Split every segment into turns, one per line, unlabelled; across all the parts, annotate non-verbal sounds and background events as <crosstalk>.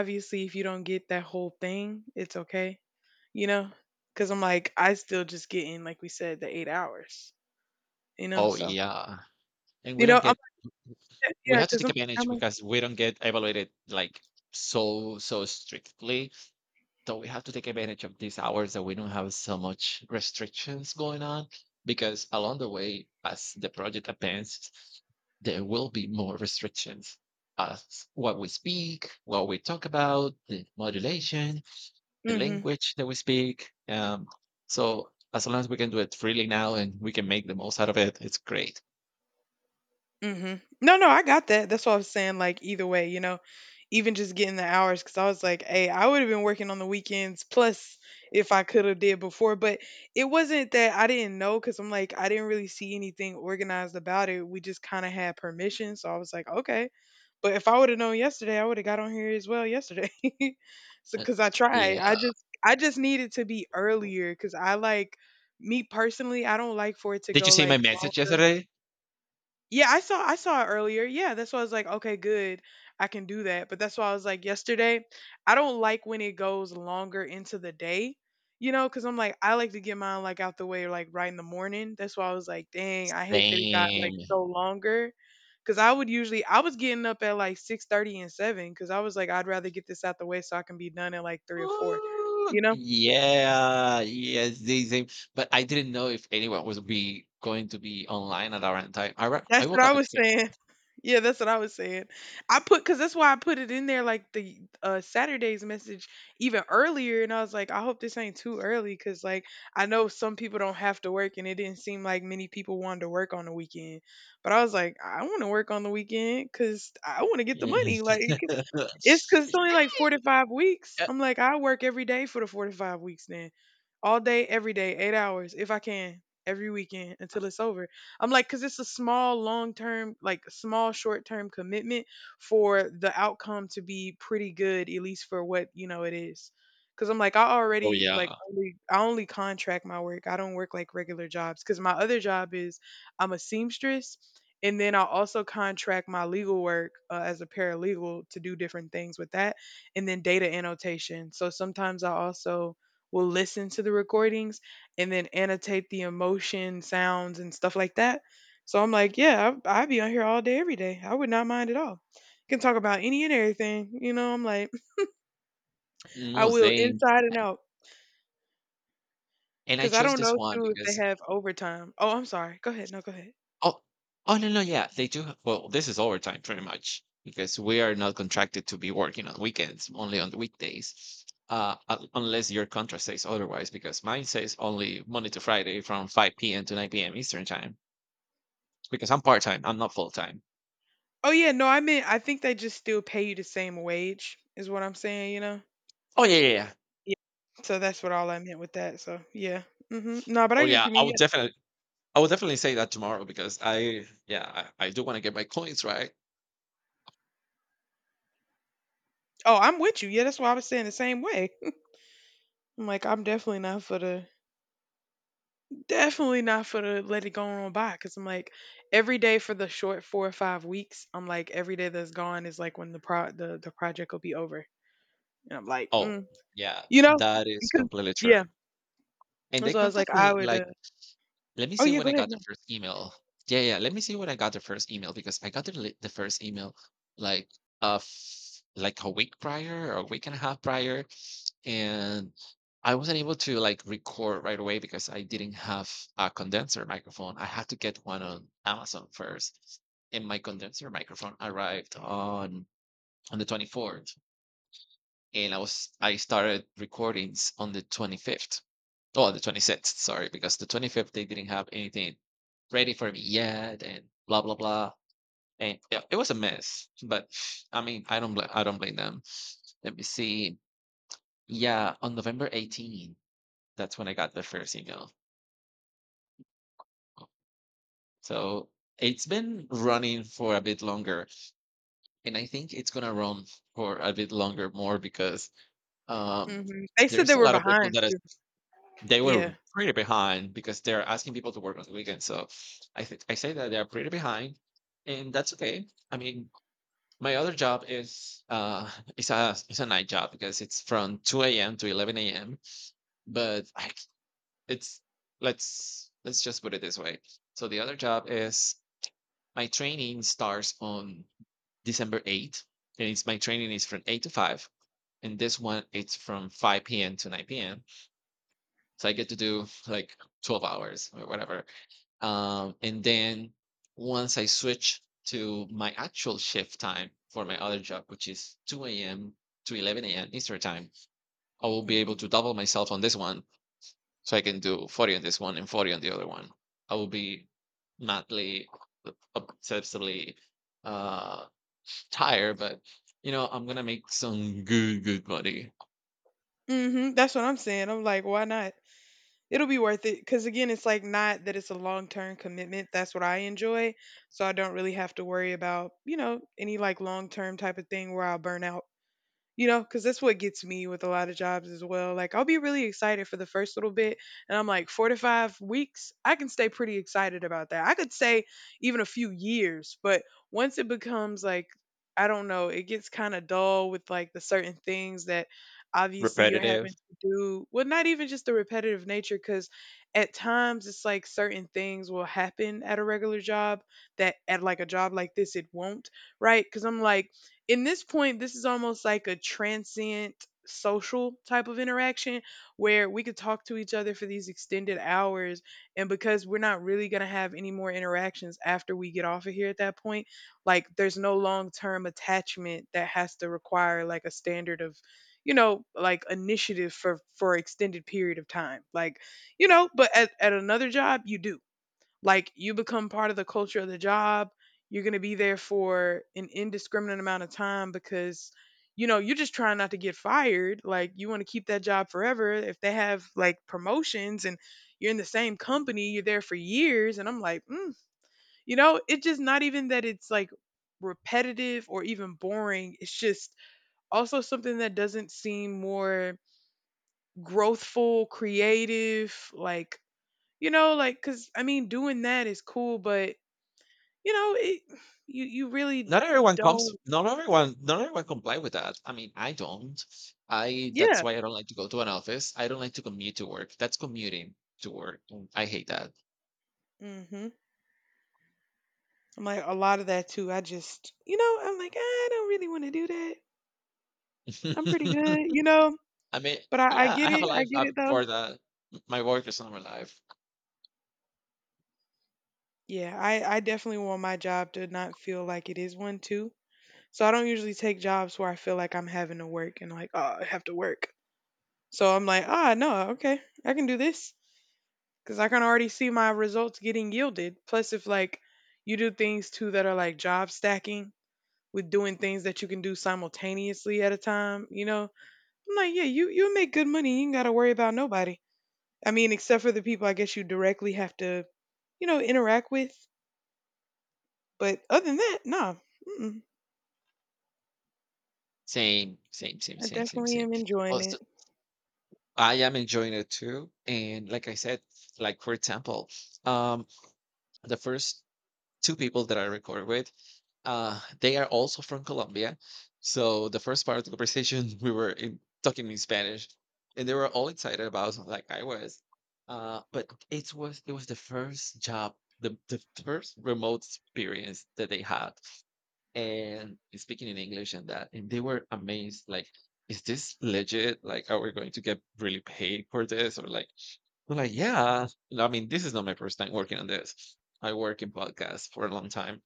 Obviously if you don't get that whole thing, it's okay, you know? Because I'm like, I still just get in, like we said, the 8 hours, you know?
Oh,
So,
yeah. And we don't
I'm
get,
<laughs> like, yeah,
we have to
because I'm
take
like, how
advantage
much?
because we don't get evaluated like so strictly. So we have to take advantage of these hours that we don't have so much restrictions going on because along the way as the project advances, there will be more restrictions as what we speak, what we talk about, the modulation, the
Mm-hmm.
language that we speak. So as long as we can do it freely now and we can make the most out of it, it's great.
Mhm. No, no, I got that. That's what I was saying. Like either way, even just getting the hours, because I was like, hey, I would have been working on the weekends plus if I could have did before. But it wasn't that I didn't know, because I'm like, I didn't really see anything organized about it. We just kind of had permission, so I was like, okay. But if I would have known yesterday, I would have got on here as well yesterday. <laughs> So
Uh,
because I tried, I
Yeah.
just I just needed to be earlier, because I like me personally, I don't like for it to
Did you
go
see my
like
message
longer.
yesterday?
Yeah, I saw it earlier. Yeah, that's why I was like, okay, good. I can do that. But that's why I was like yesterday, I don't like when it goes longer into the day, you know, because I'm like, I like to get mine like out the way like right in the morning. That's why I was like, dang, I hate that it got like
Same.
so longer. Cause I would usually I was getting up at like 6:30 and seven because I was like, I'd rather get this out the way so I can be done at like 3 or 4, you
Ooh,
know?
yeah, yes, the same. But I didn't know if anyone was be going to be online at around time.
That's
I
what
woke
I
up
was
at 6.
saying. Yeah, that's what I was saying. I put because that's why I put it in there like the Saturday's message even earlier, and I was like, I hope this ain't too early because like I know some people don't have to work, and it didn't seem like many people wanted to work on the weekend. But I was like, I want to work on the weekend because I want to get the money.
Yes.
Like it's because
<laughs>
it's only like 4 to 5 weeks.
Yeah.
I'm like, I work every day for the 4 to 5 weeks now all day, every day, 8 hours if I can, every weekend until it's over. I'm like, because it's a small, long term, like small, short term commitment for the outcome to be pretty good, at least for what you know it is. Because I'm like,
Oh yeah.
I only contract my work. I don't work like regular jobs. Because my other job is I'm a seamstress. And then I also contract my legal work as a paralegal to do different things with that. And then data annotation. So sometimes I also will listen to the recordings and then annotate the emotion, sounds, and stuff like that. So I'm like, yeah, I'd be on here all day, every day. I would not mind at all. Can talk about any and everything. You know, I'm like, I
No,
will
same.
inside and out.
And I
Because I
chose
don't
this
know,
one
too, if they
because
have overtime. Oh, I'm sorry. Go ahead. No, go ahead.
Oh, oh, no, no, yeah, they do. Well, this is overtime pretty much because we are not contracted to be working on weekends, only on the weekdays, unless your contract says otherwise. Because mine says only Monday to Friday from 5 p.m. to 9 p.m. Eastern time. Because I'm part time, I'm not full time.
Oh, yeah. No, I mean, I think they just still pay you the same wage, is what I'm saying, you know?
Oh yeah, yeah, yeah.
Yeah. So that's what all I meant with that. So, yeah. Hmm. No, but I
Oh
get what
yeah,
you
I
mean.
would
Yeah.
definitely, I would definitely say that tomorrow because I, yeah, I do want to get my coins right.
Oh, I'm with you. Yeah, that's why I was saying the same way. I'm like, I'm definitely not for the definitely not for the let it go on by because I'm like every day for the short 4 or 5 weeks. I'm like every day that's gone is like when the project will be over, and I'm like,
Oh
mm.
yeah,
You know,
that is
because
completely true.
yeah.
And
And
they
so I was like,
contact
I
me
would.
like. Let me
Oh
see
yeah,
when
go
I
ahead.
got the first email. Yeah, yeah. Let me see when I got the first email because I got the first email like a week prior or a week and a half prior, and I wasn't able to like record right away because I didn't have a condenser microphone. I had to get one on Amazon first, and my condenser microphone arrived on the 24th, and I started recordings on the 25th. Oh, the 26th, sorry, because the 25th they didn't have anything ready for me yet and blah blah blah. And yeah, it was a mess, but I mean, I don't blame them. Let me see. Yeah, on November 18th, that's when I got the first email. So it's been running for a bit longer, and I think it's gonna run for a bit longer more because um,
Hmm. They said they
there's a
were
lot of people
behind
that.
too.
They
Yeah.
were pretty behind because they're asking people to work on the weekend. So I think I say that they're pretty behind, and that's okay. I mean, my other job is <laughs> it's a night job because it's from 2 a.m. to 11 a.m. But I, c- it's let's just put it this way. So the other job is my training starts on December 8th, and it's my training is from 8 to 5, and this one it's from 5 p.m. to 9 p.m. So I get to do like 12 hours or whatever. And then once I switch to my actual shift time for my other job, which is 2 a.m. to 11 a.m. Eastern time, I will be able to
Hmm.
double myself on this one. So I can do 40 on this one and 40 on the other one. I will be madly, uh, obsessively, uh, tired, but I'm going to make some good, good money.
Hmm. That's what I'm saying. I'm like, why not? It'll be worth it because again it's like not that it's a long-term commitment. That's what I enjoy, so I don't really have to worry about, you know, any like long-term type of thing where I'll burn out, you know, because that's what gets me with a lot of jobs as well. Like I'll be really excited for the first little bit, and I'm like, 4 to 5 weeks I can stay pretty excited about that. I could say even a few years, but once it becomes like, I don't know, it gets kind of dull with like the certain things that obviously you're having
Repetitive.
to do. Well, not even just the repetitive nature, because at times it's like certain things will happen at a regular job that at like a job like this it won't, right? Because I'm like, in this point, this is almost like a transient social type of interaction where we could talk to each other for these extended hours. And because we're not really going to have any more interactions after we get off of here at that point, like there's no long term attachment that has to require like a standard of, you know, like initiative for extended period of time like, you know, but at another job you do, like you become part of the culture of the job. You're going to be there for an indiscriminate amount of time because, you know, you're just trying not to get fired. Like you want to keep that job forever. If they have like promotions and you're in the same company, you're there for years and I'm like, mm. You know, it's just not even that it's like repetitive or even boring. It's just also something that doesn't seem more growthful, creative, like, you know, like, cause I mean, doing that is cool, but you know, it you really
not everyone comes
don't.
not everyone not everyone comply with that. I mean, I don't. I That's
Yeah.
why I don't like to go to an office. I don't like to commute to work. That's commuting to work, and I hate that.
Mhm. I'm like a lot of that too. I just, you know, I'm like, "I don't really wanna do that. I'm pretty good," you know?
<laughs> I mean,
But I
yeah,
get
I have
it.
a
I
life
get
up
it though.
for that. My work is not my life.
Yeah, I definitely want my job to not feel like it is one too. So I don't usually take jobs where I feel like I'm having to work and like, "Oh, I have to work." So I'm like, "Ah, no, okay. I can do this because I can already see my results getting yielded. Plus if like you do things too that are like job stacking, with doing things that you can do simultaneously at a time, you know? I'm like, yeah, you make good money. You ain't got to worry about nobody. I mean, except for the people I guess you directly have to, you know, interact with. But other than that, nah. Mm-mm.
Same, same, same,
I
same, same,
definitely
same.
am enjoying
Well,
it.
so I am enjoying it too, and like I said, like for example, um the first two people that I recorded with. They are also from Colombia. So the first part of the conversation, <laughs> we were talking in Spanish, and they were all excited about it, like I was. But it was the first job, the first remote experience that they had, and speaking in English and that, and they were amazed. Like, is this legit? Like, are we going to get really paid for this? Or like, they're like, yeah. I mean, this is not my first time working on this. I work in podcasts for a long time,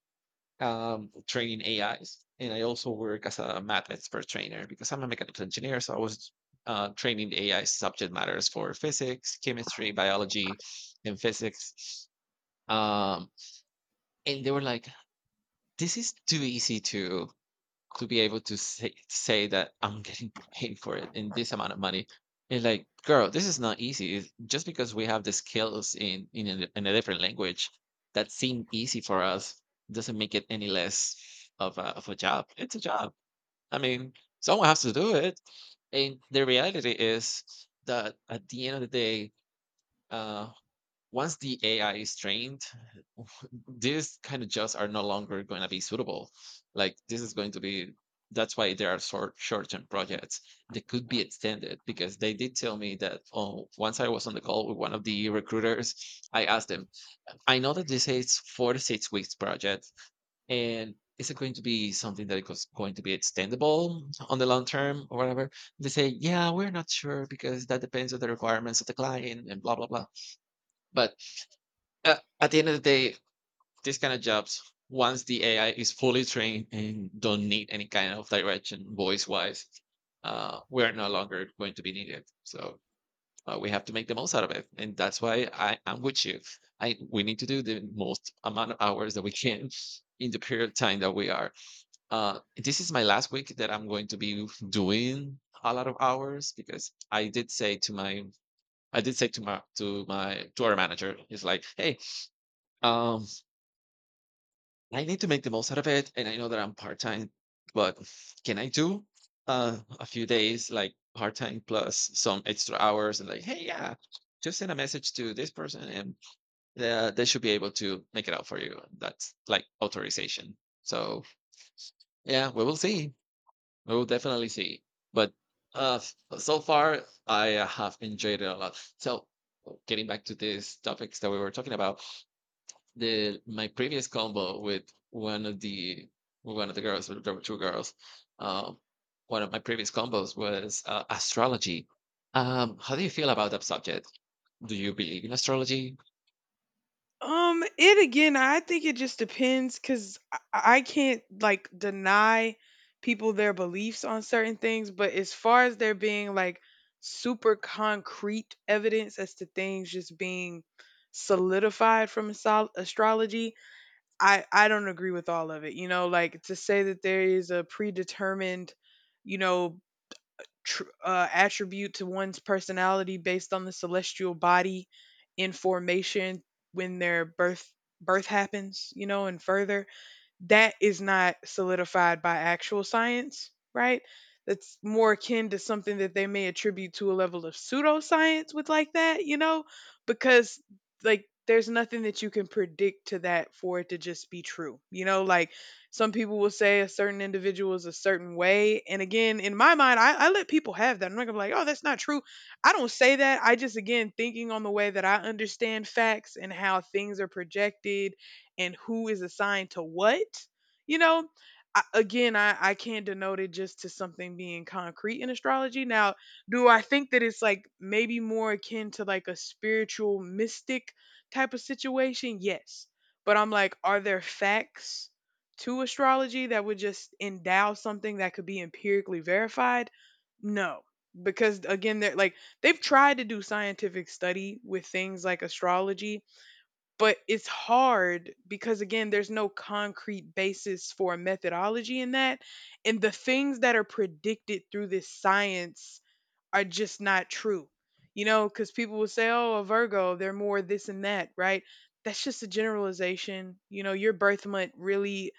training AIs, and I also work as a math expert trainer because I'm a mechanical engineer. So I was training the AI subject matters for physics, chemistry, biology, and physics. Um, and they were like, "This is too easy to be able to say that I'm getting <laughs> paid for it in this amount of money." And like, girl, this is not easy. It's just because we have the skills in a different language that seem easy for us doesn't make it any less of a job. It's a job. I mean, someone has to do it. And the reality is that at the end of the day, uh, once the AI is trained, <laughs> these kind of jobs are no longer going to be suitable. Like, this is going to be that's why there are short-term projects that could be extended because they did tell me that, oh, once I was on the call with one of the recruiters, I asked them, I know that this is 4 to 6 weeks project, and is it going to be something that is going to be extendable on the long term or whatever? They say, yeah, we're not sure because that depends on the requirements of the client and blah blah blah. But at the end of the day, these kind of jobs, once the AI is fully trained and don't need any kind of direction, voice wise, we're no longer going to be needed. So we have to make the most out of it, and that's why I am with you. I we need to do the most amount of hours that we can in the period of time that we are. This is my last week that I'm going to be doing a lot of hours because I did say to my I did say to my to my to our manager. He's like, hey, um, I need to make the most out of it, and I know that I'm part time, but can I do a few days like part time plus some extra hours? And like, hey, yeah, just send a message to this person, and they should be able to make it out for you. That's like authorization. So yeah, we will see. We will definitely see. But uh, so far, I have enjoyed it a lot. So getting back to these topics that we were talking about, the my previous combo with one of the one of the girls, there were two girls. Um, one of my previous combos was astrology. How do you feel about that subject? Do you believe in astrology?
It again, I think it just depends because I can't like deny people their beliefs on certain things, but as far as there being like super concrete evidence as to things just being solidified from astrology, I don't agree with all of it. You know, like to say that there is a predetermined, you know, attribute to one's personality based on the celestial body in formation when their birth happens, you know, and further that is not solidified by actual science, right? That's more akin to something that they may attribute to a level of pseudoscience with, like that, you know, because like there's nothing that you can predict to that for it to just be true, you know, like some people will say a certain individual is a certain way. And again, in my mind, I let people have that. I'm not gonna be like, oh, that's not true. I don't say that. I just, again, thinking on the way that I understand facts and how things are projected and who is assigned to what, you know, I can't denote it just to something being concrete in astrology. Now, do I think that it's like maybe more akin to like a spiritual mystic type of situation? Yes. But I'm like, are there facts to astrology that would just endow something that could be empirically verified? No. Because again, they're like, they've tried to do scientific study with things like astrology but it's hard because again, there's no concrete basis for a methodology in that. And the things that are predicted through this science are just not true. You know, because people will say, oh, a Virgo, they're more this and that, right? That's just a generalization. You know, your birth month really,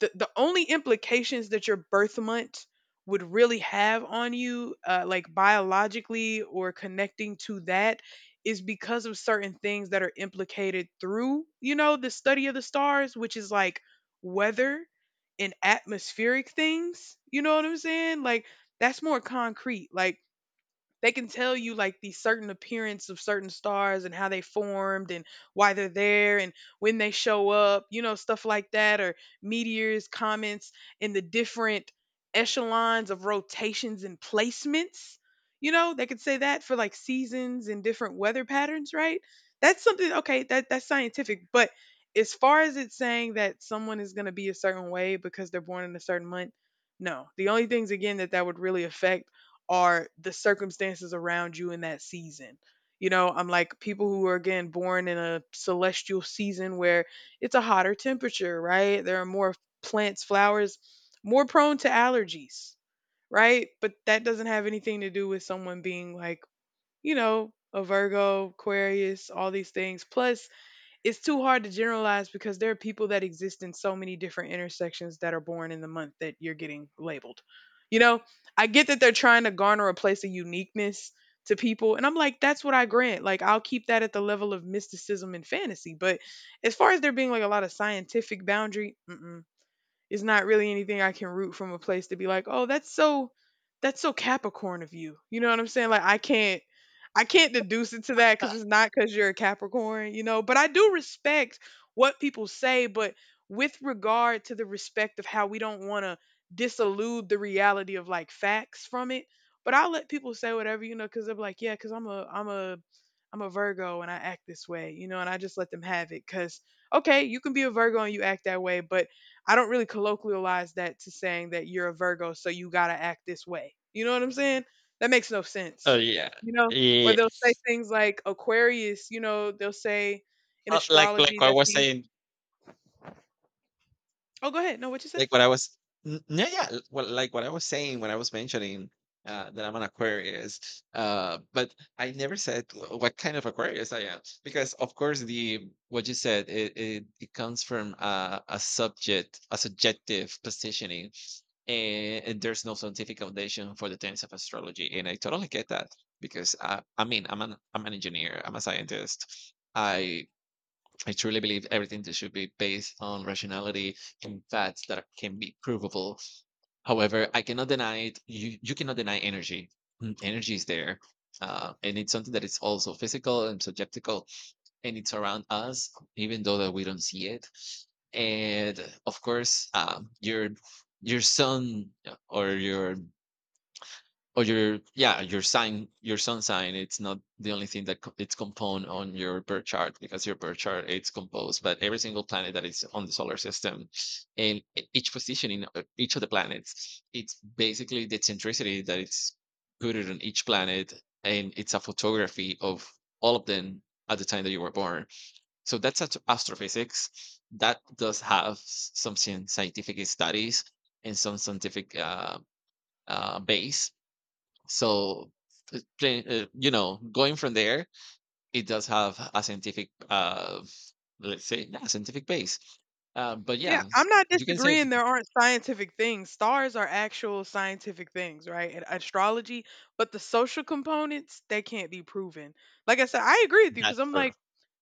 the only implications that your birth month would really have on you, like biologically or connecting to that, is because of certain things that are implicated through, you know, the study of the stars, which is like weather and atmospheric things. You know what I'm saying? Like, that's more concrete. Like, they can tell you like the certain appearance of certain stars and how they formed and why they're there and when they show up, you know, stuff like that, or meteors, comets, and the different echelons of rotations and placements. You know, they could say that for like seasons and different weather patterns, right? That's something okay, that's scientific, but as far as it's saying that someone is going to be a certain way because they're born in a certain month, no. The only things again that would really affect are the circumstances around you in that season. You know, I'm like people who are again born in a celestial season where it's a hotter temperature, right? There are more plants, flowers, more prone to allergies, right? But that doesn't have anything to do with someone being like, you know, a Virgo, Aquarius, all these things. Plus, it's too hard to generalize because there are people that exist in so many different intersections that are born in the month that you're getting labeled. You know, I get that they're trying to garner a place of uniqueness to people. And I'm like, that's what I grant. Like, I'll keep that at the level of mysticism and fantasy. But as far as there being like a lot of scientific boundary, mm-mm. It's not really anything I can root from a place to be like, "Oh, that's so Capricorn of you." You know what I'm saying? Like I can't deduce it to that cuz it's not cuz you're a Capricorn, you know, but I do respect what people say, but with regard to the respect of how we don't want to disillude the reality of like facts from it, but I'll let people say whatever, you know, cuz they're like, "Yeah, cuz I'm a Virgo and I act this way," you know, and I just let them have it cuz okay, you can be a Virgo and you act that way, but I don't really colloquialize that to saying that you're a Virgo, so you gotta act this way. You know what I'm saying? That makes no
Oh
sense.
yeah.
You know? Or
Yeah.
they'll say things like Aquarius, you know, they'll say in
Uh, like
astrology
like I
that
was
the
saying.
oh, go ahead. No, what you say?
Like what I was n Yeah, yeah, l well, like what I was saying when I was mentioning, that I'm an Aquarius, but I never said w what kind of Aquarius I am, because, of course, the what you said, it comes from a subjective positioning, and there's no scientific foundation for the terms of astrology, and I totally get that because, I mean, I'm an engineer, I'm a scientist. I truly believe everything that should be based on rationality and facts that can be provable. However, I cannot deny it. You cannot deny energy. Energy is there. And it's something that is also physical and subjectical, and it's around us, even though that we don't see it. And of course, your sun or your yeah your sign your sun sign it's not the only thing that it's component on your birth chart, because your birth chart it's composed but every single planet that is on the solar system. And each position in each of the planets, it's basically the centricity that it's rooted on each planet, and it's a photography of all of them at the time that you were born. So that's astrophysics that does have some scientific studies and some scientific base. So going from there, it does have a scientific let's say, yeah, scientific base. But
Yeah,
yeah,
I'm not
you can say
disagreeing there aren't scientific things. Stars are actual scientific things, right? And astrology, but the social components, they can't be proven. Like I said, I agree with you because
that's
I'm
true,
like,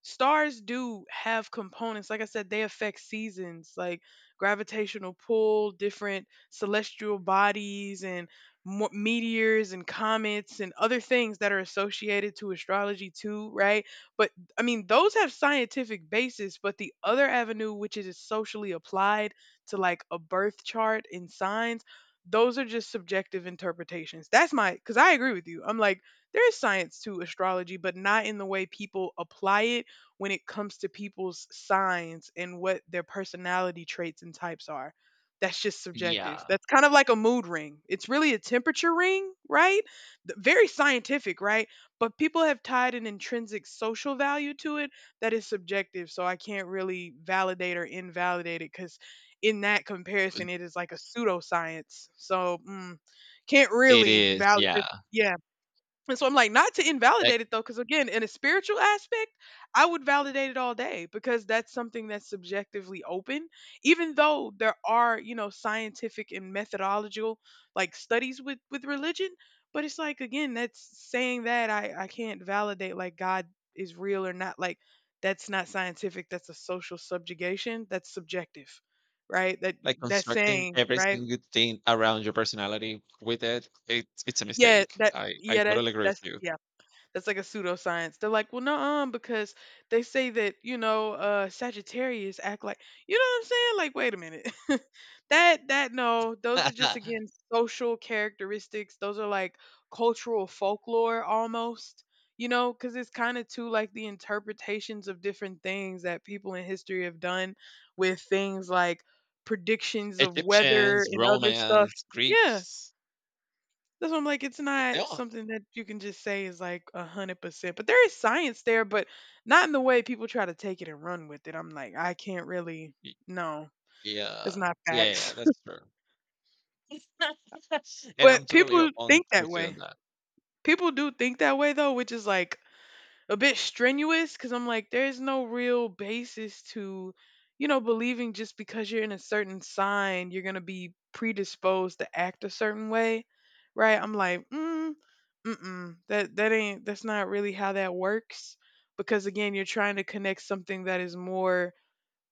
stars do have components. Like I said, they affect seasons, like gravitational pull, different celestial bodies, and meteors and comets and other things that are associated to astrology, too, right? But I mean, those have scientific basis, but the other avenue, which is socially applied to like a birth chart and signs, those are just subjective interpretations. That's my, because I agree with you. I'm like, there is science to astrology, but not in the way people apply it when it comes to people's signs and what their personality traits and types are. That's just subjective.
yeah.
That's kind of like a mood ring. It's really a temperature ring, right? Very scientific, right? But people have tied an intrinsic social value to it that is subjective. So I can't really validate or invalidate it because, in that comparison, it is like a pseudoscience. So mm, can't
It
really
is,
validate.
yeah.
Yeah. And so I'm like, not to
Like,
invalidate it though, because again, in a spiritual aspect, I would validate it all day because that's something that's subjectively open. Even though there are, you know, scientific and methodological like studies with religion, but it's like again, that's saying that I can't validate like God is real or not. Like that's not scientific. That's a social subjugation. That's subjective, right? That that's
constructing
saying
every
right.
single thing around your personality with it, it's a
Yeah.
mistake.
That
I
yeah.
totally agree with
That's
you.
yeah. That's like a pseudoscience. They're like, well, no, because they say that you know Sagittarius act like you know what I'm saying. Like, wait a minute, <laughs> that that no, those are just
<laughs>
again social characteristics. Those are like cultural folklore almost. You know, because it's kind of too like the interpretations of different things that people in history have done with things like predictions of weather
Egyptians,
and other stuff.
Romans,
Yeah,
Greeks.
that's what I'm like, it's
They
not
all
something that you can just say is like 100%. But there is science there, but not in the way people try to take it and run with it. I'm like, I can't really,
y-
no, that's
yeah.
not
Yeah, yeah,
facts.
that's true,
<laughs>
and I'm
But
totally
people
on
think that
with you
way.
on that.
People do think that way though, which is like a bit strenuous because I'm like, there's no real basis to, you know, believing just because you're in a certain sign, you're going to be predisposed to act a certain way, right? I'm like, mm, mm-mm, that ain't, that's not really how that works. Because again, you're trying to connect something that is more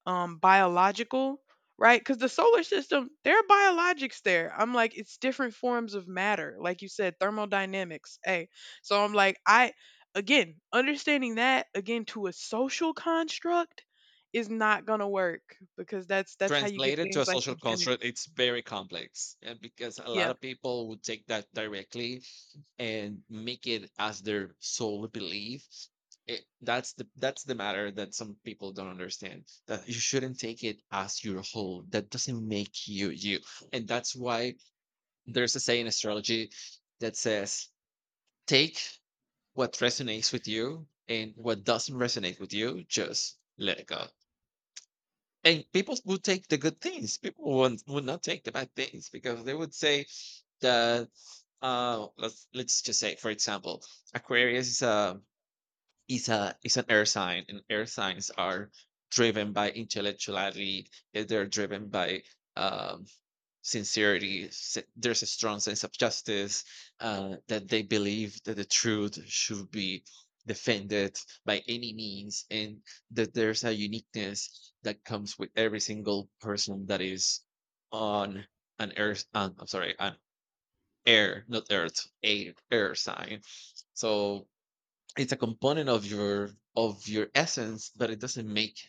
biological, right? Because the solar system, there are biologics there. I'm like, it's different forms of matter like you said, thermodynamics, hey, so I'm like, I again understanding that again to a social construct is not gonna work because that's how you get
Translated to
things
a
like
social construct,
eugenics.
it's very complex, and because a
Yeah.
lot of people would take that directly and make it as their sole belief. That's the matter that some people don't understand, that you shouldn't take it as your whole. That doesn't make you you, and that's why there's a saying in astrology that says take what resonates with you, and what doesn't resonate with you, just let it go. And people would take the good things. People would, not take the bad things, because they would say that let's just say, for example, Aquarius is a is an air sign, and air signs are driven by intellectuality, they're driven by um sincerity. There's a strong sense of justice, that they believe that the truth should be defended by any means, and that there's a uniqueness that comes with every single person that is on an earth. I'm sorry, an air, not earth, a air sign. So it's a component of your essence, but it doesn't make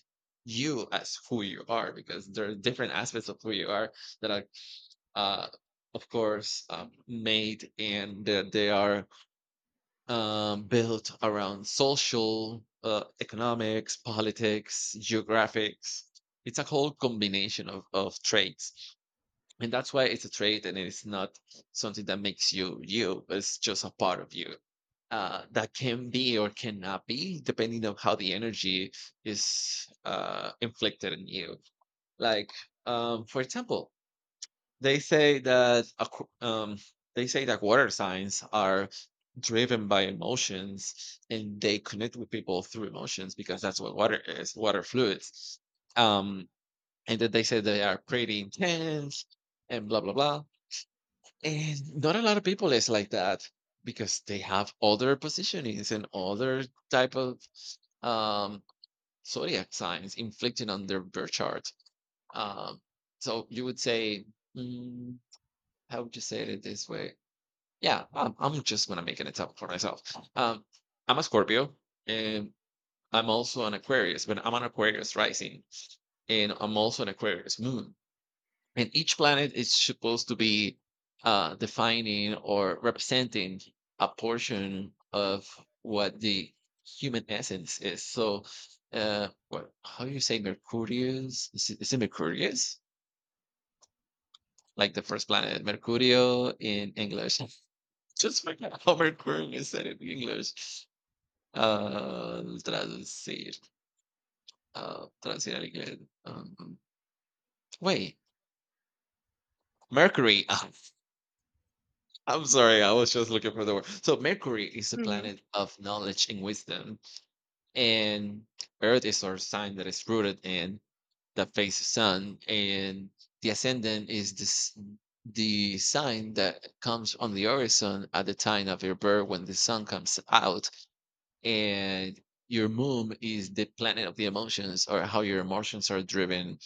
you as who you are, because there are different aspects of who you are that are uh, of course, made, and that they are built around social, economics, politics, geographics. It's a whole combination of traits. And that's why it's a trait, and it's not something that makes you you. It's just a part of you that can be or cannot be, depending on how the energy is inflicted on you. Like, for example, they say that water signs are driven by emotions, and they connect with people through emotions, because that's what water is, water fluids. Um, and that they say they are pretty intense and blah blah blah. And not a lot of people is like that, because they have other positionings and other type of um, zodiac signs inflicted on their birth chart. Um, so you would say, mm, how would you say it this way? Yeah, I'm just gonna make an example for myself. Um, I'm a Scorpio, and I'm also an Aquarius, but I'm an Aquarius rising, and I'm also an Aquarius moon. And each planet is supposed to be defining or representing a portion of what the human essence is. So, what? How do you say Mercurius? Is it Mercurius? Like the first planet, Mercurio in English. Just forget Howard Quern is <laughs> said in English. Traducir. Traducir al inglés. Um, wait, Mercury. <laughs> I'm sorry, I was just looking for the word. So Mercury is a
mm-hmm.
planet of knowledge and wisdom, and Earth is our sign that is rooted in the face sun, and the ascendant is this the sign that comes on the horizon at the time of your birth when the sun comes out, and your moon is the planet of the emotions, or how your emotions are driven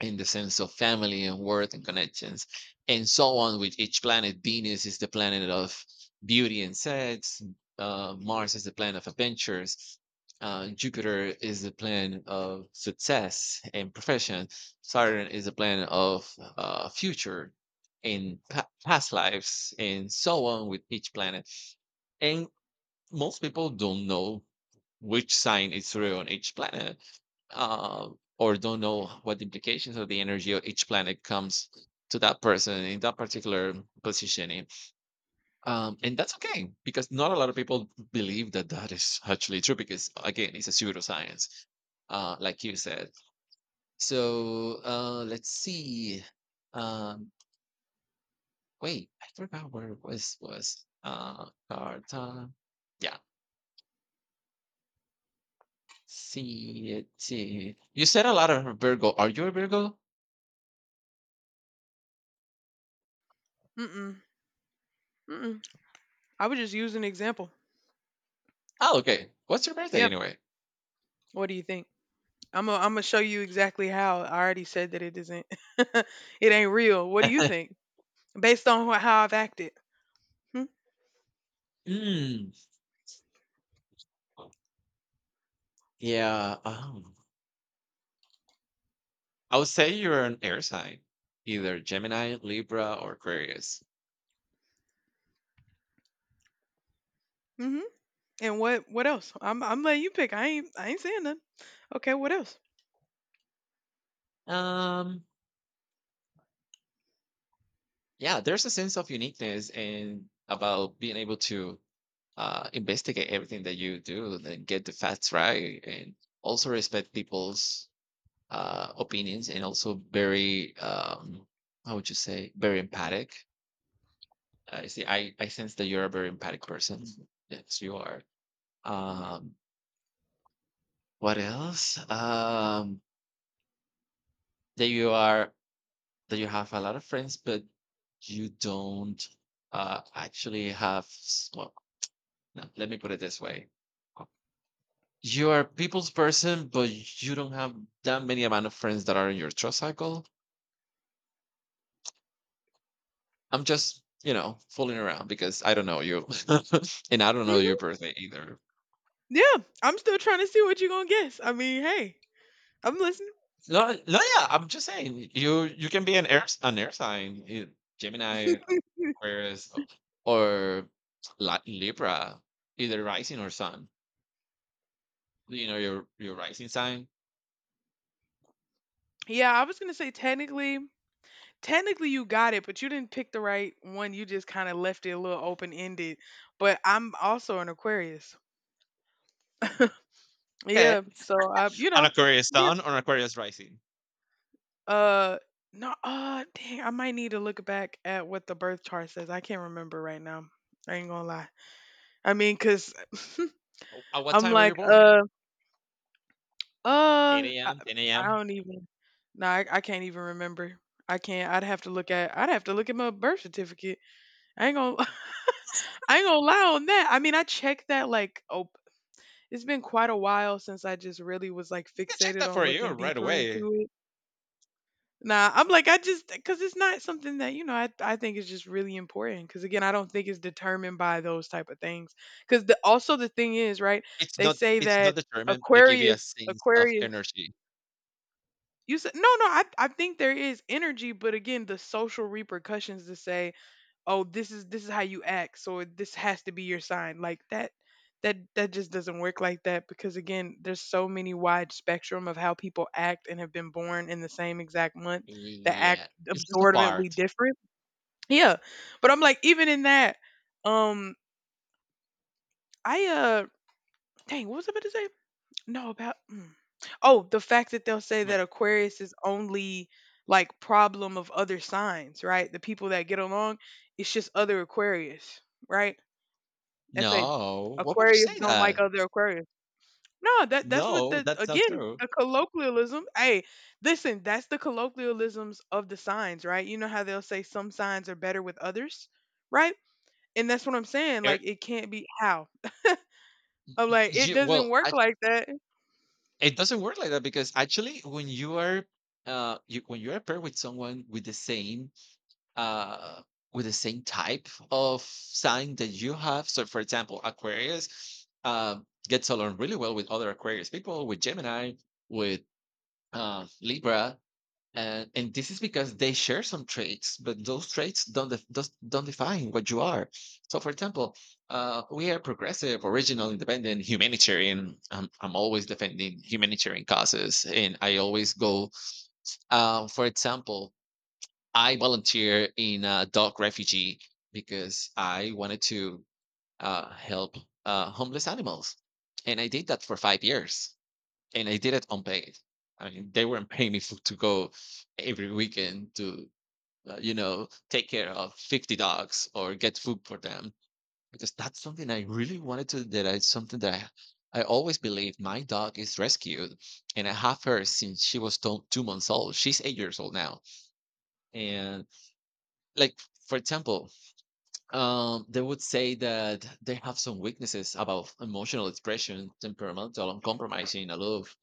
in the sense of family and worth and connections, and so on with each planet. Venus is the planet of beauty and sex. Mars is the planet of adventures. Jupiter is the planet of success and profession. Saturn is the planet of future and past lives, and so on with each planet. And most people don't know which sign is real on each planet, uh, or don't know what the implications of the energy of each planet comes to that person in that particular positioning. And that's okay, because not a lot of people believe that that is actually true, because, again, it's a pseudoscience, like you said. So let's see. Um, wait, I forgot where it was. Was Carta? Yeah, C T. You said a lot of Virgo. Are you a Virgo?
Mm-mm. Mm-mm. I would just use an example.
Oh, okay. What's your birthday
Yeah,
anyway?
what do you think? I'm gonna show you exactly how I already said that it isn't <laughs> it ain't real. What do you
<laughs>
think based on how I've acted. Hmm?
Mm. Yeah. I would say you're an air sign, either Gemini, Libra, or Aquarius.
Mm-hmm. And what else? I'm letting you pick. I ain't saying nothing. Okay, what else?
Um, yeah, there's a sense of uniqueness and about being able to investigate everything that you do and get the facts right, and also respect people's opinions, and also very, how would you say, very empathic. I see. I sense that you're a very empathic person. Yes, you are. Um, what else? That you are, that you have a lot of friends, but you don't actually have. Well, no, let me put it this way: you are a people's person, but you don't have that many amount of friends that are in your trust cycle. I'm just fooling around because I don't know you, <laughs> and I don't know your
Mm-hmm.
birthday either.
Yeah, I'm still trying to see what you're gonna guess. I mean, hey, I'm listening.
No, no, yeah. I'm just saying you can be an air sign, Gemini,
<laughs>
Aquarius, or Libra, either rising or sun. You know your rising sign.
Yeah, I was gonna say technically, technically you got it, but you didn't pick the right one. You just kind of left it a little open ended. But I'm also an Aquarius.
Okay,
Yeah, so you
an
know,
Aquarius
yeah.
sun or an Aquarius rising.
Uh, no, dang, I might need to look back at what the birth chart says. I can't remember right now. I ain't gonna lie. I mean, because 'cause
O- At what
I'm
time were
like,
you born?
uh,
8
I,
a.m., 10
I
a.m.
don't even. No, I can't even remember. I can't. I'd have to look at my birth certificate. I ain't gonna. <laughs> I ain't gonna lie on that. I mean, I checked that like. Oh, it's been quite a while since I just really was like
You can check
fixated
that
on
for you
looking
right
deeper
away.
into it. Nah, I'm like, I just because it's not something that you know I think is just really important. Because again, I don't think it's determined by those type of things. Because the also the thing is, right?
It's
They
not,
say
it's
that
not determined, but they give you
Aquarius,
a sense of
Aquarius.
energy.
You said no, no. I think there is energy, but again, the social repercussions to say oh this is how you act so this has to be your sign like that that just doesn't work like that because again there's so many wide spectrum of how people act and have been born in the same exact month that act
Yeah, it's just a
absorbently
part.
different. Yeah, but I'm like even in that, um I dang, what was I about to say? No, about mm, oh the fact that they'll say that
But
Aquarius is only like problem of other signs, right? The people that get along, it's just other Aquarius, right? They say
no, what would you
Aquarius
say
don't like
that?
other Aquarius. No, that that's what
No,
the
that's not
again
true.
the colloquialism. Hey, listen, that's the colloquialisms of the signs, right? You know how they'll say some signs are better with others, right? And that's what I'm saying. Like
Er,
it can't be how. I'm
y-
like it
y-
doesn't
well,
work
I,
like that.
it doesn't work like that, because actually, when you are when you are paired with someone with the same uh, type of sign that you have, so for example, Aquarius gets along really well with other Aquarius people, with Gemini, with Libra. And, this is because they share some traits, but those traits don't define what you are. So, for example, we are progressive, original, independent, humanitarian. I'm always defending humanitarian causes, and I always go. For example, I volunteer in a dog refugee because I wanted to help homeless animals, and I did that for 5 years, and I did it unpaid. I mean, they weren't <laughs> paying me for, to go every weekend to, take care of 50 dogs or get food for them, because that's something I really wanted to. That I something that I always believe my dog is rescued, and I have her since she was 2 months old. She's 8 years old now, and like. For example, they would say that they have some weaknesses about emotional expression, temperamental, uncompromising, aloof,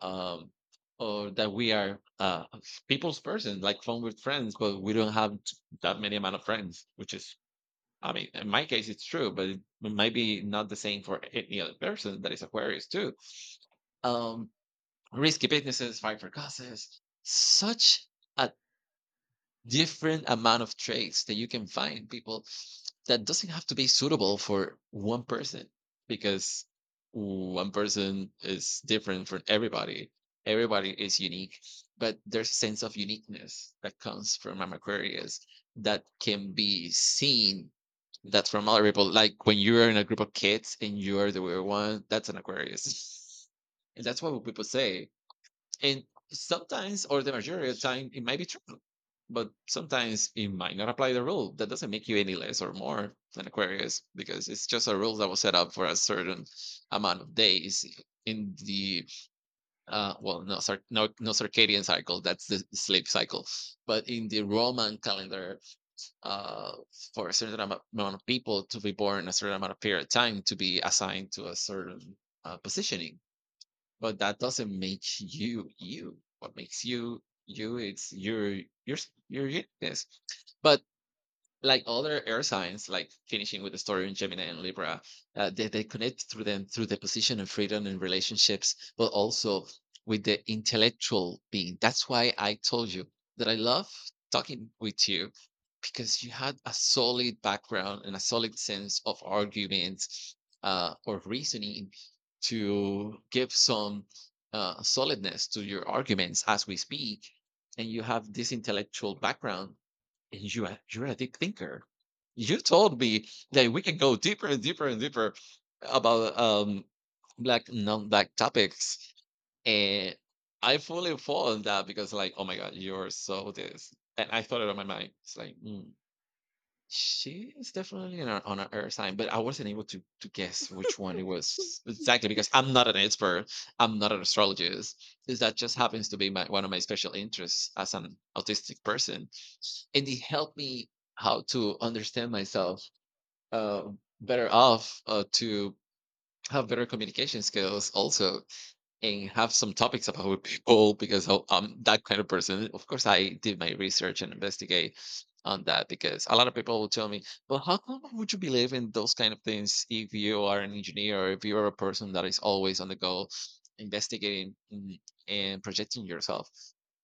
um or that we are people's person, like fun with friends but we don't have that many amount of friends, which is, I mean, in my case it's true, but it might be not the same for any other person that is Aquarius too. Um, risky businesses, fight for causes, such a different amount of traits that you can find people, that doesn't have to be suitable for one person, because one person is different from everybody. Everybody is unique, but there's a sense of uniqueness that comes from an Aquarius that can be seen, that from other people. Like when you're in a group of kids and you're the weird one, that's an Aquarius. <laughs> And that's what people say, and sometimes, or the majority of the time, it might be true. But sometimes it might not apply the rule. That doesn't make you any less or more than Aquarius, because it's just a rule that was set up for a certain amount of days in the well, no, circadian cycle. That's the sleep cycle, but in the Roman calendar, uh, for a certain amount of people to be born a certain amount of period of time to be assigned to a certain positioning, but that doesn't make you you. What makes you you? It's your your uniqueness. But like other air signs, like finishing with the story in Gemini and Libra, they connect through them through the position of freedom and relationships, but also with the intellectual being. That's why I told you that I love talking with you, because you had a solid background and a solid sense of arguments, or reasoning, to give some solidness to your arguments as we speak. And you have this intellectual background, and you're a deep thinker. You told me that we can go deeper and deeper and deeper about black non-black topics. And I fully fall on that because, like, oh my God, you're so this. And I thought it on my mind. It's like, mm, she is definitely on an earth sign, but I wasn't able to guess which one it was exactly, because I'm not an expert. I'm not an astrologist. Is that just happens to be my one of my special interests as an autistic person, and it helped me how to understand myself uh, better off to have better communication skills also and have some topics about <laughs> with people because I'm that kind of person. Of course, I did my research and investigate on that because a lot of people will tell me, "Well, how come would you believe in those kind of things if you are an engineer or if you are a person that is always on the go, investigating and projecting yourself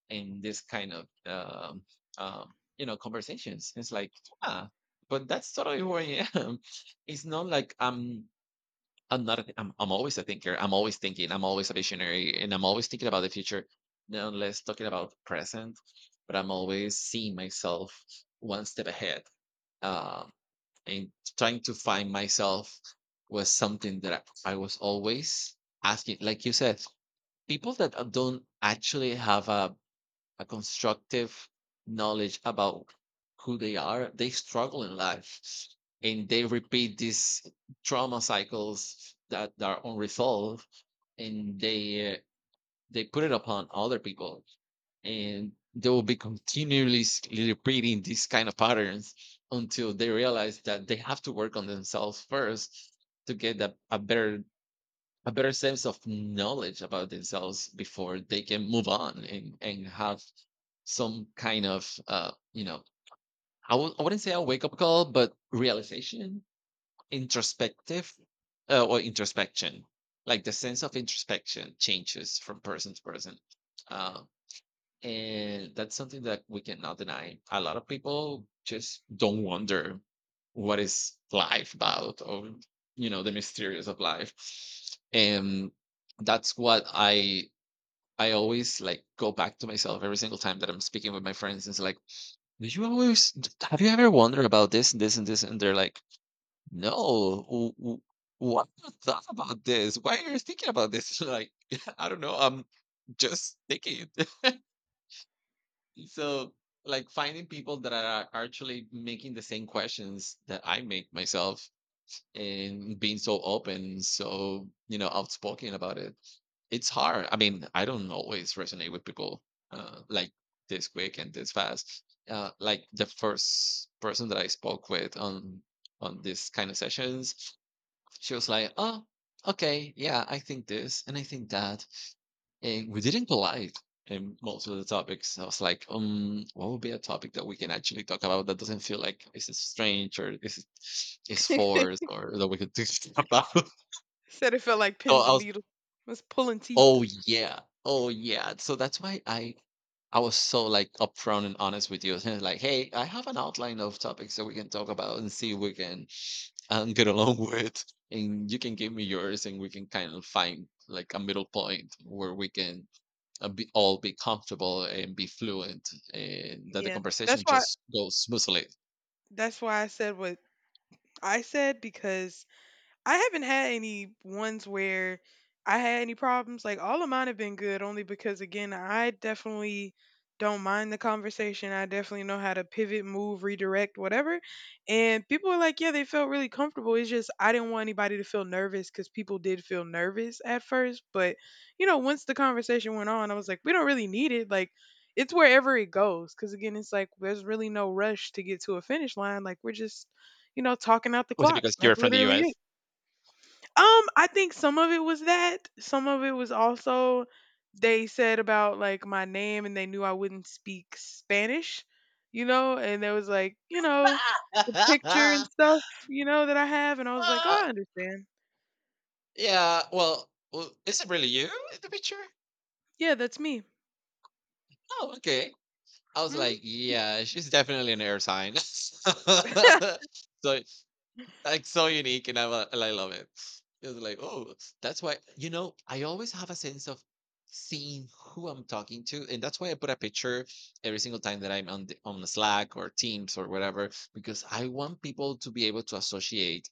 in this kind of conversations?" It's like, ah, but that's totally who I am. <laughs> It's not like I'm not. A, I'm always a thinker. I'm always thinking. I'm always a visionary, and I'm always thinking about the future. Now, let's talking about present. But I'm always seeing myself one step ahead, uh, and trying to find myself was something that I was always asking. Like you said, people that don't actually have a constructive knowledge about who they are, they struggle in life and they repeat these trauma cycles that are unresolved and they put it upon other people and they will be continually repeating these kind of patterns until they realize that they have to work on themselves first to get a better sense of knowledge about themselves before they can move on and have some kind of I wouldn't say a wake up call but realization introspective or introspection like the sense of introspection changes from person to person, uh, and that's something that we cannot deny. A lot of people just don't wonder what is life about or the mysterious of life. And that's what I always like go back to myself every single time that I'm speaking with my friends, and it's like, did you have you ever wondered about this and this and this? And they're like, no, what you <laughs> thought about this? Why are you thinking about this? <laughs> Like, <laughs> I don't know. I'm just thinking. <laughs> so, like, finding people that are actually making the same questions that I make myself and being so open, so outspoken about it. It's hard. I mean, I don't always resonate with people like this quick and this fast. Like the first person that I spoke with on this kind of sessions, she was like, "Oh, okay, yeah, I think this and I think that," and we didn't collide in most of the topics. I was like, what would be a topic that we can actually talk about that doesn't feel like this is strange or this is forced
<laughs>
or that we could do <laughs> about?"
Said it felt like
So
pins and needles. It was pulling teeth.
"Oh yeah, oh yeah." So that's why I. I was so like upfront and honest with you, <laughs> like, "Hey, I have an outline of topics that we can talk about and see if we can and get along <laughs> with and you can give me yours and we can kind of find like a middle point where we can all be comfortable and be fluent and that the
Yeah, that's
conversation
why.
just goes smoothly.
That's why I said what I said because I haven't had any ones where I had any problems. Like all of mine have been good only because again, I definitely don't mind the conversation. I definitely know how to pivot, move, redirect, whatever. And people were like, yeah, they felt really comfortable. It's just I didn't want anybody to feel nervous cuz people did feel nervous at first, but you know, once the conversation went on, I was like, we don't really need it. Like it's wherever it goes cuz again, it's like there's really no rush to get to a finish line. Like we're just, you know, talking out the
Was it
clock.
because
That's
you're from the
literally it.
US?
I think some of it was that. Some of it was also they said about like my name and they knew I wouldn't speak Spanish, you know, and there was like, you know, the picture and
<laughs>
stuff, you know, that I have and I was like, "Oh,
uh,
I understand.
yeah, well is it really you in the picture?
Yeah, that's me."
Oh, okay. I was like,
Mhm.
yeah, she's definitely an air sign. <laughs>
<laughs>
So like, so unique, and I lo and I love it. It was like, "Oh, that's why," you know, I always have a sense of seeing who I'm talking to, and that's why I put a picture every single time that I'm on the Slack or Teams or whatever, because I want people to be able to associate,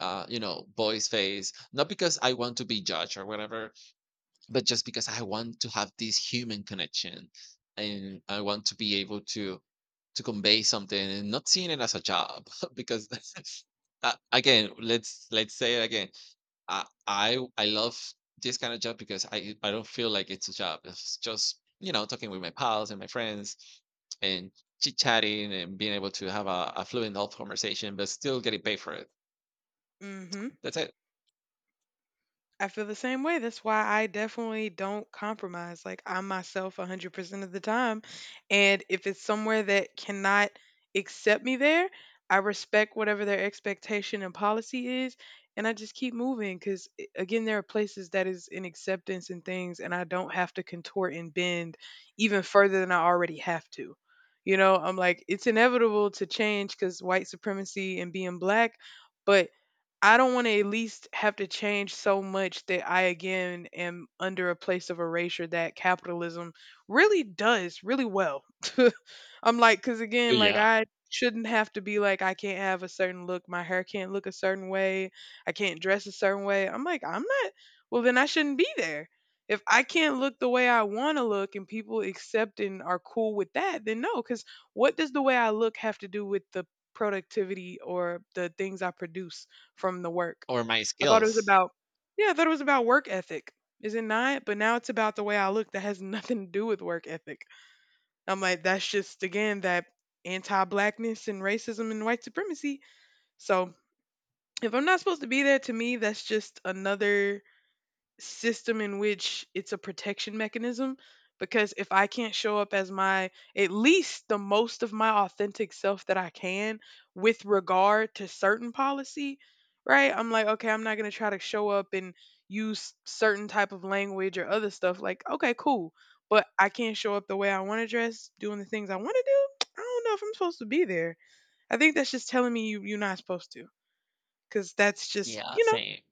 you know, voice, face, not because I want to be judged or whatever, but just because I want to have this human connection, and I want to be able to convey something and not seeing it as a job. <laughs> Because again, let's say it again. I love this kind of job because I don't feel like it's a job. It's just, you know, talking with my pals and my friends and chit chatting and being able to have a fluent adult conversation, but still getting paid for it.
Mhm.
That's it.
I feel the same way. That's why I definitely don't compromise. Like I'm myself 100% of the time. And if it's somewhere that cannot accept me there, I respect whatever their expectation and policy is. And I just keep moving because, again, there are places that is in acceptance and things, and I don't have to contort and bend even further than I already have to. You know, I'm like, it's inevitable to change because white supremacy and being black, but I don't want to at least have to change so much that I again am under a place of erasure that capitalism really does really well. <laughs> I'm like, because again, like
Yeah.
I shouldn't have to be like, I can't have a certain look, my hair can't look a certain way, I can't dress a certain way. I'm like, I'm not, well, then I shouldn't be there. If I can't look the way I want to look and people accept and are cool with that, then no, because what does the way I look have to do with the productivity or the things I produce from the work?
Or my
I thought it was
skills.
about Yeah, I thought it was about work ethic. Is it not? But now it's about the way I look that has <laughs> nothing to do with work ethic. I'm like, that's just again that anti blackness and racism and white supremacy. So if I'm not supposed to be there, to me that's just another system in which it's a protection mechanism because if I can't show up as my at least the most of my authentic self that I can with regard to certain policy, right? I'm like, okay, I'm not going to try to show up and use certain type of language or other stuff like, okay, cool, but I can't show up the way I want to dress, doing the things I want to do. I don't know if I'm supposed to be there. I think that's just telling me you're not supposed to cuz that's just,
Yeah,
you know,
same.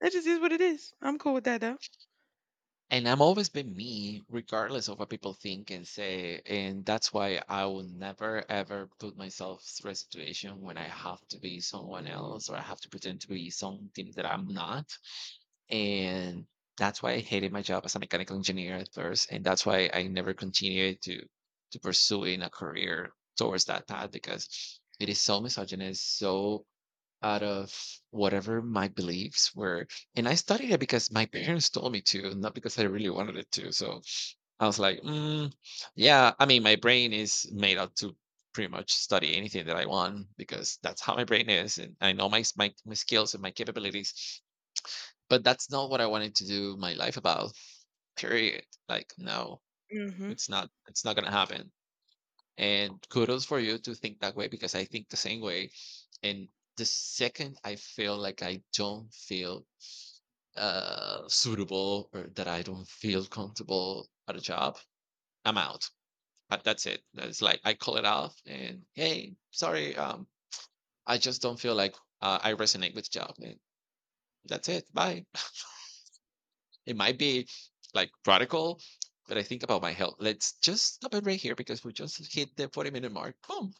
that just is what it is. I'm cool with that though.
And I am always been me, regardless of what people think and say. And that's why I will never, ever put myself through a situation when I have to be someone else or I have to pretend to be something that I'm not. And that's why I hated my job as a mechanical engineer at first. And that's why I never continued to pursuing a career towards that path, because it is so misogynist, so out of whatever my beliefs were. And I studied it because my <laughs> parents told me to, not because I really wanted it to. So I was like, mm, yeah, I mean, my brain is made up to pretty much study anything that I want, because that's how my brain is. And I know my skills and my capabilities, but that's not what I wanted to do my life about, period. Like, no,
Mhm.
it's not going to happen. And kudos for you to think that way, because I think the same way. And the second I feel like I don't feel suitable or that I don't feel comfortable at a job, I'm out. That's it. That's like, I call it off and, hey, sorry, I just don't feel like I resonate with the job. And that's it. Bye. <laughs> It might be like radical, but I think about my health. Let's just stop it right here because we just hit the 40-minute mark. Boom.